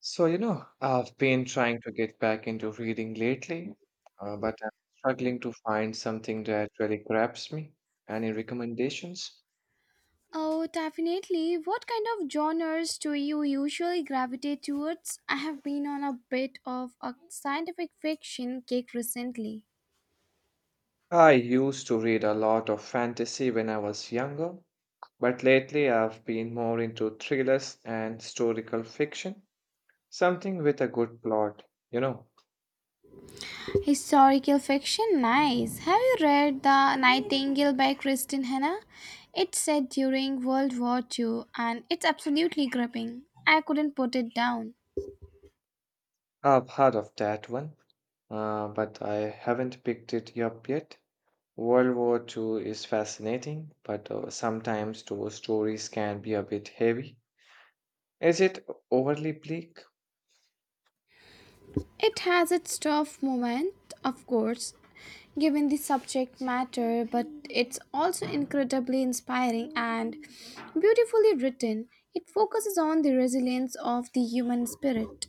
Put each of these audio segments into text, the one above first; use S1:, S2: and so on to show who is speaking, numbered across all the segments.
S1: So, you know, I've been trying to get back into reading lately, but I'm struggling to find something that really grabs me. Any recommendations?
S2: Oh, definitely. What kind of genres do you usually gravitate towards? I have been on a bit of a scientific fiction kick recently.
S1: I used to read a lot of fantasy when I was younger, but lately I've been more into thrillers and historical fiction, something with a good plot. You know,
S2: Historical fiction? Nice. Have you read The Nightingale by Kristen Hanna? It's set during World War Two, and it's absolutely gripping. I couldn't put it down.
S1: I've heard of that one, but I haven't picked it up yet. World War Two is fascinating, but sometimes those stories can be a bit heavy. Is it overly bleak?
S2: It has its tough moment, of course, given the subject matter, but it's also incredibly inspiring and beautifully written. It focuses on the resilience of the human spirit.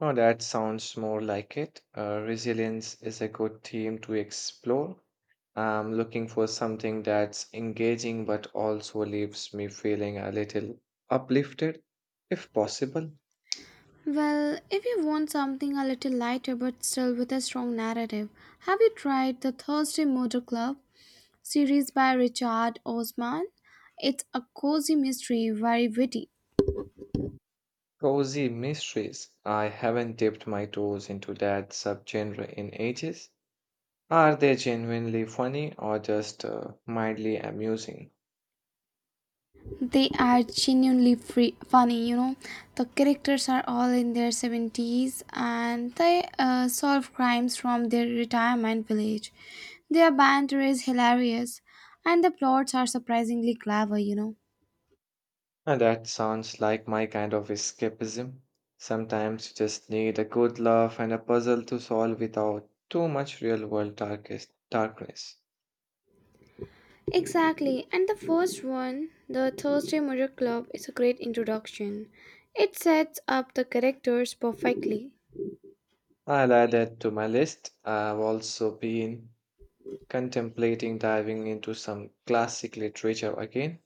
S1: No, that sounds more like it. Resilience is a good theme to explore. I'm looking for something that's engaging but also leaves me feeling a little uplifted, if possible.
S2: Well, if you want something a little lighter but still with a strong narrative, have you tried the Thursday Motor Club series by Richard Osman? It's a cozy mystery, very witty.
S1: Cozy mysteries. I haven't dipped my toes into that subgenre in ages. Are they genuinely funny or just mildly amusing?
S2: They are genuinely free, funny. The characters are all in their 70s, and they solve crimes from their retirement village. Their banter is hilarious, and the plots are surprisingly clever.
S1: And that sounds like my kind of escapism. Sometimes you just need a good laugh and a puzzle to solve without too much real world darkest darkness.
S2: Exactly, and the first one, the Thursday Murder Club, is a great introduction. It sets up the characters perfectly.
S1: I'll add that to my list. I've also been contemplating diving into some classic literature again.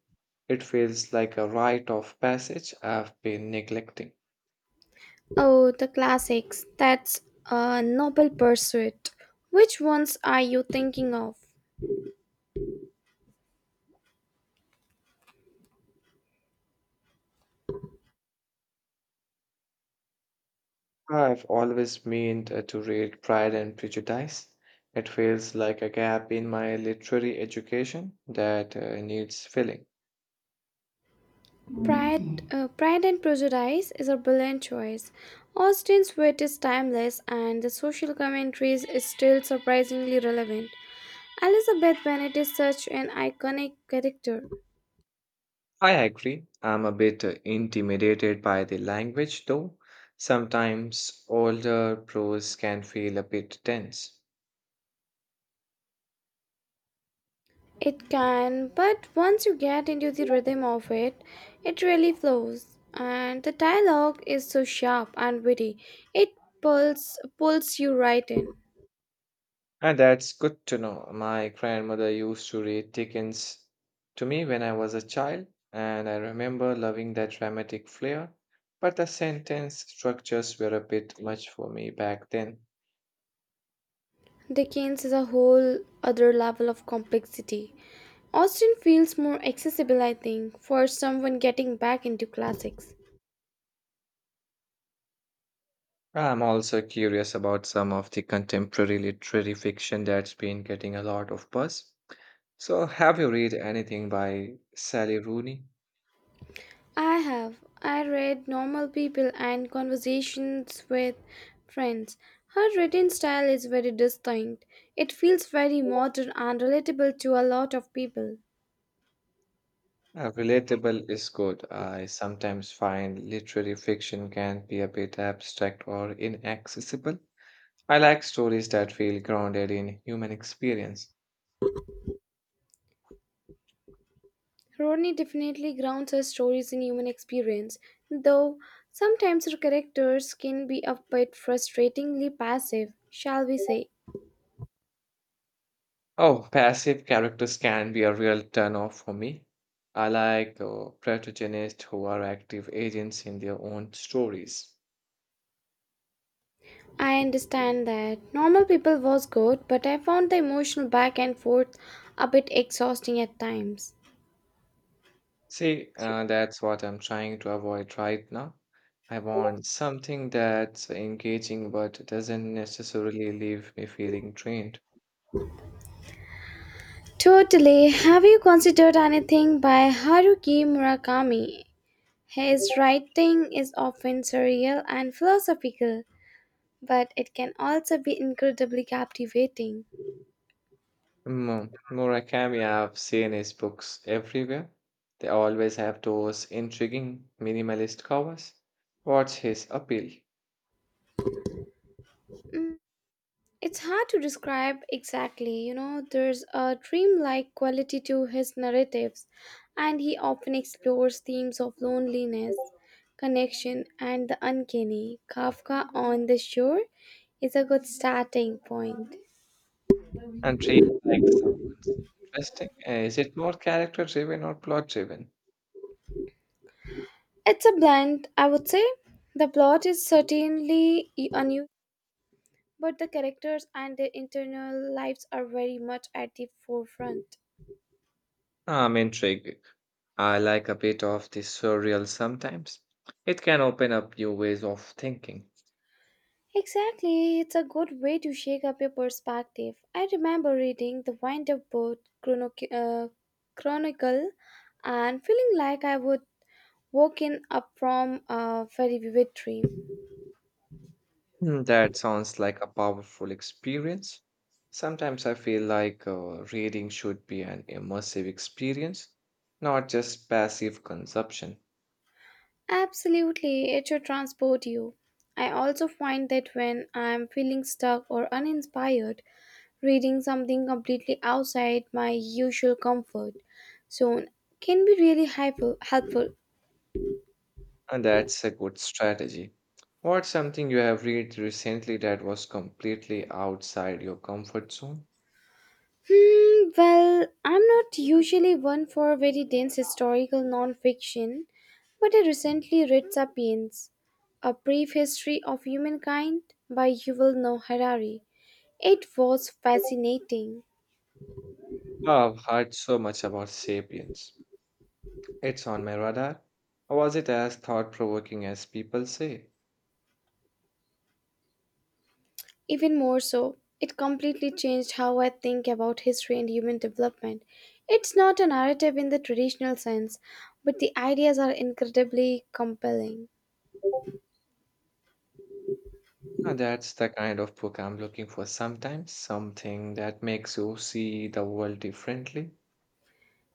S1: It feels like a rite of passage I've been neglecting.
S2: Oh, the classics. That's a noble pursuit. Which ones are you thinking of?
S1: I've always meant to read Pride and Prejudice. It feels like a gap in my literary education that needs filling.
S2: Pride and Prejudice is a brilliant choice. Austen's wit is timeless and the social commentaries is still surprisingly relevant. Elizabeth Bennet is such an iconic character.
S1: I agree. I'm a bit intimidated by the language, though. Sometimes older prose can feel a bit tense.
S2: It can, but once you get into the rhythm of it, it really flows. And the dialogue is so sharp and witty. It pulls you right in.
S1: And that's good to know. My grandmother used to read Dickens to me when I was a child, and I remember loving that dramatic flair, but the sentence structures were a bit much for me back then.
S2: Dickens is a whole other level of complexity. Austen feels more accessible, I think, for someone getting back into classics.
S1: I'm also curious about some of the contemporary literary fiction that's been getting a lot of buzz. So, have you read anything by Sally Rooney?
S2: I have. I read Normal People and Conversations with Friends. Her written style is very distinct. It feels very modern and relatable to a lot of people.
S1: Relatable is good. I sometimes find literary fiction can be a bit abstract or inaccessible. I like stories that feel grounded in human experience.
S2: Rodney definitely grounds her stories in human experience, though sometimes her characters can be a bit frustratingly passive, shall we say.
S1: Oh, passive characters can be a real turn-off for me. I like protagonists who are active agents in their own stories.
S2: I understand that. Normal people was good, but I found the emotional back and forth a bit exhausting at times.
S1: See, that's what I'm trying to avoid right now. I want something that's engaging but doesn't necessarily leave me feeling drained.
S2: Totally. Have you considered anything by Haruki Murakami? His writing is often surreal and philosophical, but it can also be incredibly captivating.
S1: Mm, Murakami, I've seen his books everywhere. They always have those intriguing minimalist covers. What's his appeal?
S2: It's hard to describe exactly, you know, there's a dreamlike quality to his narratives, and he often explores themes of loneliness, connection, and the uncanny. Kafka on the Shore is a good starting point.
S1: And treat like someone's interesting. Is it more character driven or plot driven?
S2: It's a blend, I would say. The plot is certainly unusual, but the characters and their internal lives are very much at the forefront.
S1: I'm intrigued. I like a bit of the surreal sometimes. It can open up new ways of thinking.
S2: Exactly, it's a good way to shake up your perspective. I remember reading the Wind Up Boat Chronicle and feeling like I would woken up from a very vivid dream.
S1: Mm, that sounds like a powerful experience. Sometimes I feel like reading should be an immersive experience, not just passive consumption.
S2: Absolutely, it should transport you. I also find that when I'm feeling stuck or uninspired, reading something completely outside my usual comfort zone can be really helpful.
S1: And that's a good strategy. What's something you have read recently that was completely outside your comfort zone?
S2: Hmm, well, I'm not usually one for very dense historical non-fiction, but I recently read *Sapiens: A Brief History of Humankind* by Yuval Noah Harari. It was fascinating.
S1: I've heard so much about Sapiens. It's on my radar. Was it as thought-provoking as people say?
S2: Even more so, it completely changed how I think about history and human development. It's not a narrative in the traditional sense, but the ideas are incredibly compelling.
S1: That's the kind of book I'm looking for sometimes, something that makes you see the world differently.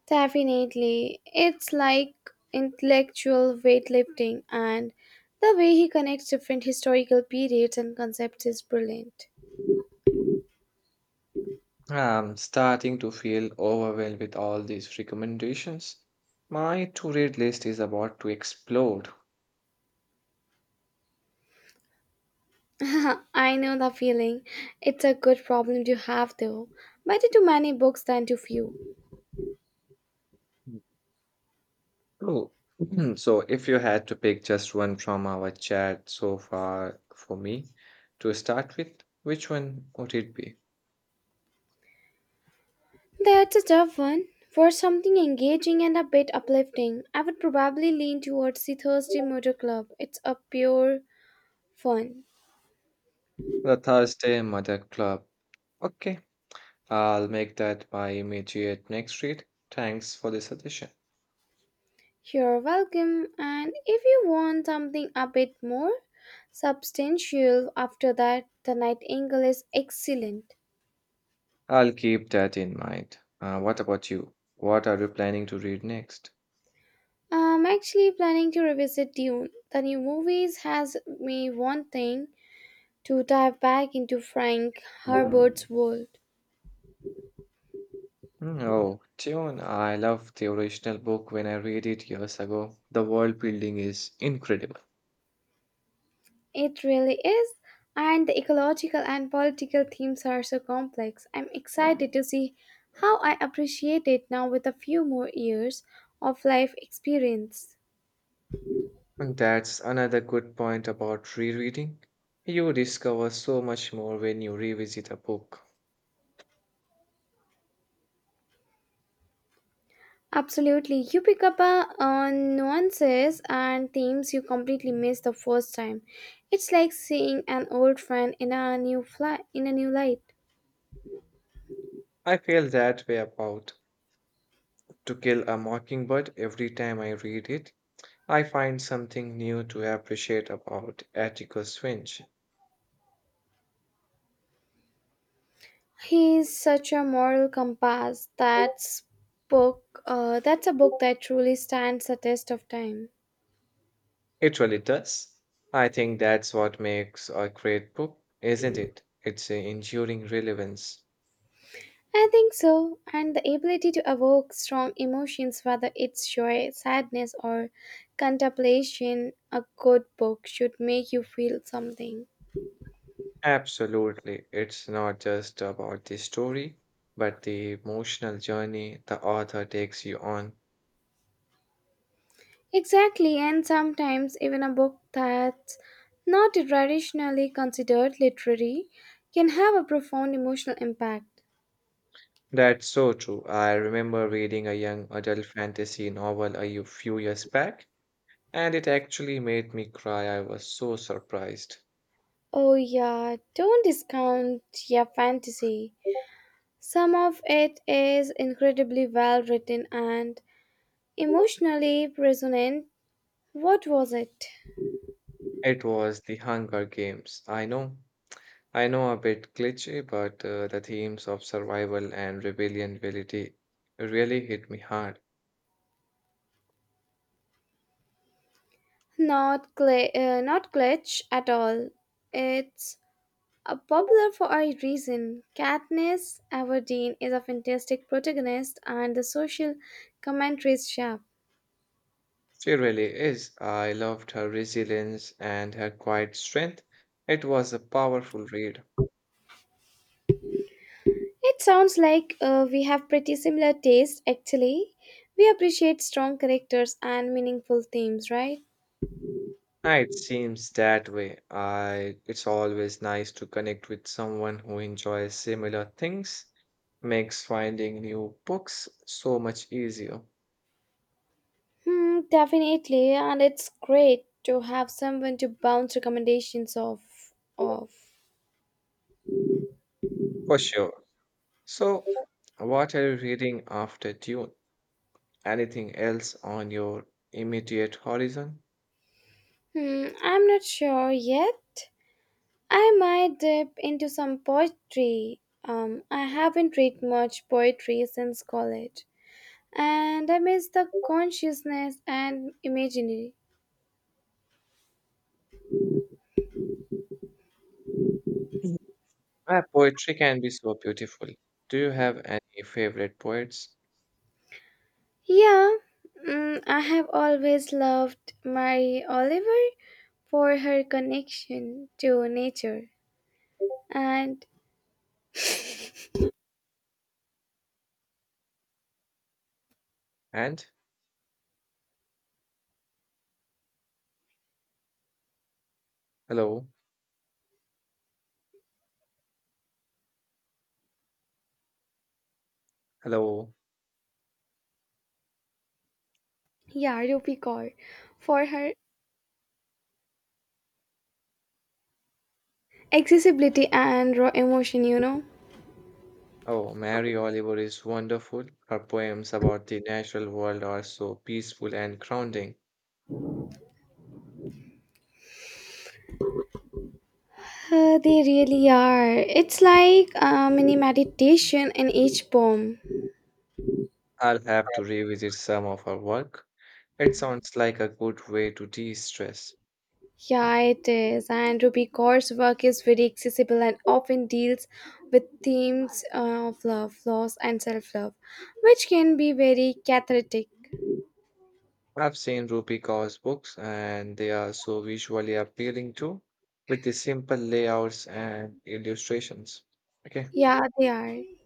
S2: Definitely. It's like intellectual weightlifting, and the way he connects different historical periods and concepts is brilliant.
S1: I'm starting to feel overwhelmed with all these recommendations. My to-read list is about to explode.
S2: I know the feeling. It's a good problem to have, though. Better too many books than too few.
S1: Oh, so if you had to pick just one from our chat so far for me to start with, which one would it be?
S2: That's a tough one. For something engaging and a bit uplifting, I would probably lean towards the Thursday Motor Club. It's a pure fun.
S1: The Thursday Mother Club. Okay, I'll make that my immediate next read. Thanks for the suggestion.
S2: You're welcome, and if you want something a bit more substantial after that, the Nightingale is excellent.
S1: I'll keep that in mind. What about you? What are you planning to read next?
S2: I'm actually planning to revisit Dune. The new movies has me wanting to dive back into Frank Herbert's world.
S1: Hmm, oh, Tune, I love the original book when I read it years ago. The world building is incredible.
S2: It really is, and the ecological and political themes are so complex. I'm excited to see how I appreciate it now with a few more years of life experience.
S1: And that's another good point about rereading. You discover so much more when you revisit a book.
S2: Absolutely. You pick up on nuances and themes you completely missed the first time. It's like seeing an old friend in a in a new light.
S1: I feel that way about To Kill a Mockingbird every time I read it. I find something new to appreciate about Atticus Finch.
S2: He is such a moral compass. That's a book that truly stands the test of time.
S1: It really does. I think that's what makes a great book, isn't it? It's a enduring relevance.
S2: I think so. And the ability to evoke strong emotions, whether it's joy, sadness, or contemplation, a good book should make you feel something.
S1: Absolutely. It's not just about the story, but the emotional journey the author takes you on.
S2: Exactly, and sometimes even a book that's not traditionally considered literary can have a profound emotional impact.
S1: That's so true. I remember reading a young adult fantasy novel few years back, and it actually made me cry. I was so surprised.
S2: Oh, yeah, don't discount your fantasy. Some of it is incredibly well written and emotionally resonant. What was it?
S1: It was The Hunger Games. I know. I know a bit glitchy, but the themes of survival and rebellion really hit me hard.
S2: Not glitch at all. It's popular for a reason. Katniss Everdeen is a fantastic protagonist and the social commentary is sharp.
S1: She really is. I loved her resilience and her quiet strength. It was a powerful read.
S2: It sounds like we have pretty similar taste actually. We appreciate strong characters and meaningful themes, right?
S1: Ah, it seems that way. It's always nice to connect with someone who enjoys similar things. Makes finding new books so much easier.
S2: Hmm, definitely, and it's great to have someone to bounce recommendations off.
S1: For sure. So, what are you reading after Dune? Anything else on your immediate horizon?
S2: Hmm, I'm not sure yet. I might dip into some poetry. I haven't read much poetry since college, and I miss the consciousness and imaginary.
S1: Mhm. Ah, poetry can be so beautiful. Do you have any favorite poets?
S2: Yeah, mm, I have always loved Mary Oliver for her connection to nature, and
S1: And hello, hello.
S2: yeah, Rupi Kaur for her accessibility and raw emotion, you know.
S1: Oh, Mary Oliver is wonderful. Her poems about the natural world are so peaceful and grounding.
S2: They really are. It's like a mini meditation in each poem.
S1: I'll have to revisit some of her work. It sounds like a good way to de-stress.
S2: Yeah, it is. And Ruby Kaur's work is very accessible and often deals with themes of love, loss, and self love, which can be very cathartic.
S1: I've seen Rupi Kaur's books and they are so visually appealing too, with the simple layouts and illustrations. Okay.
S2: Yeah, they are.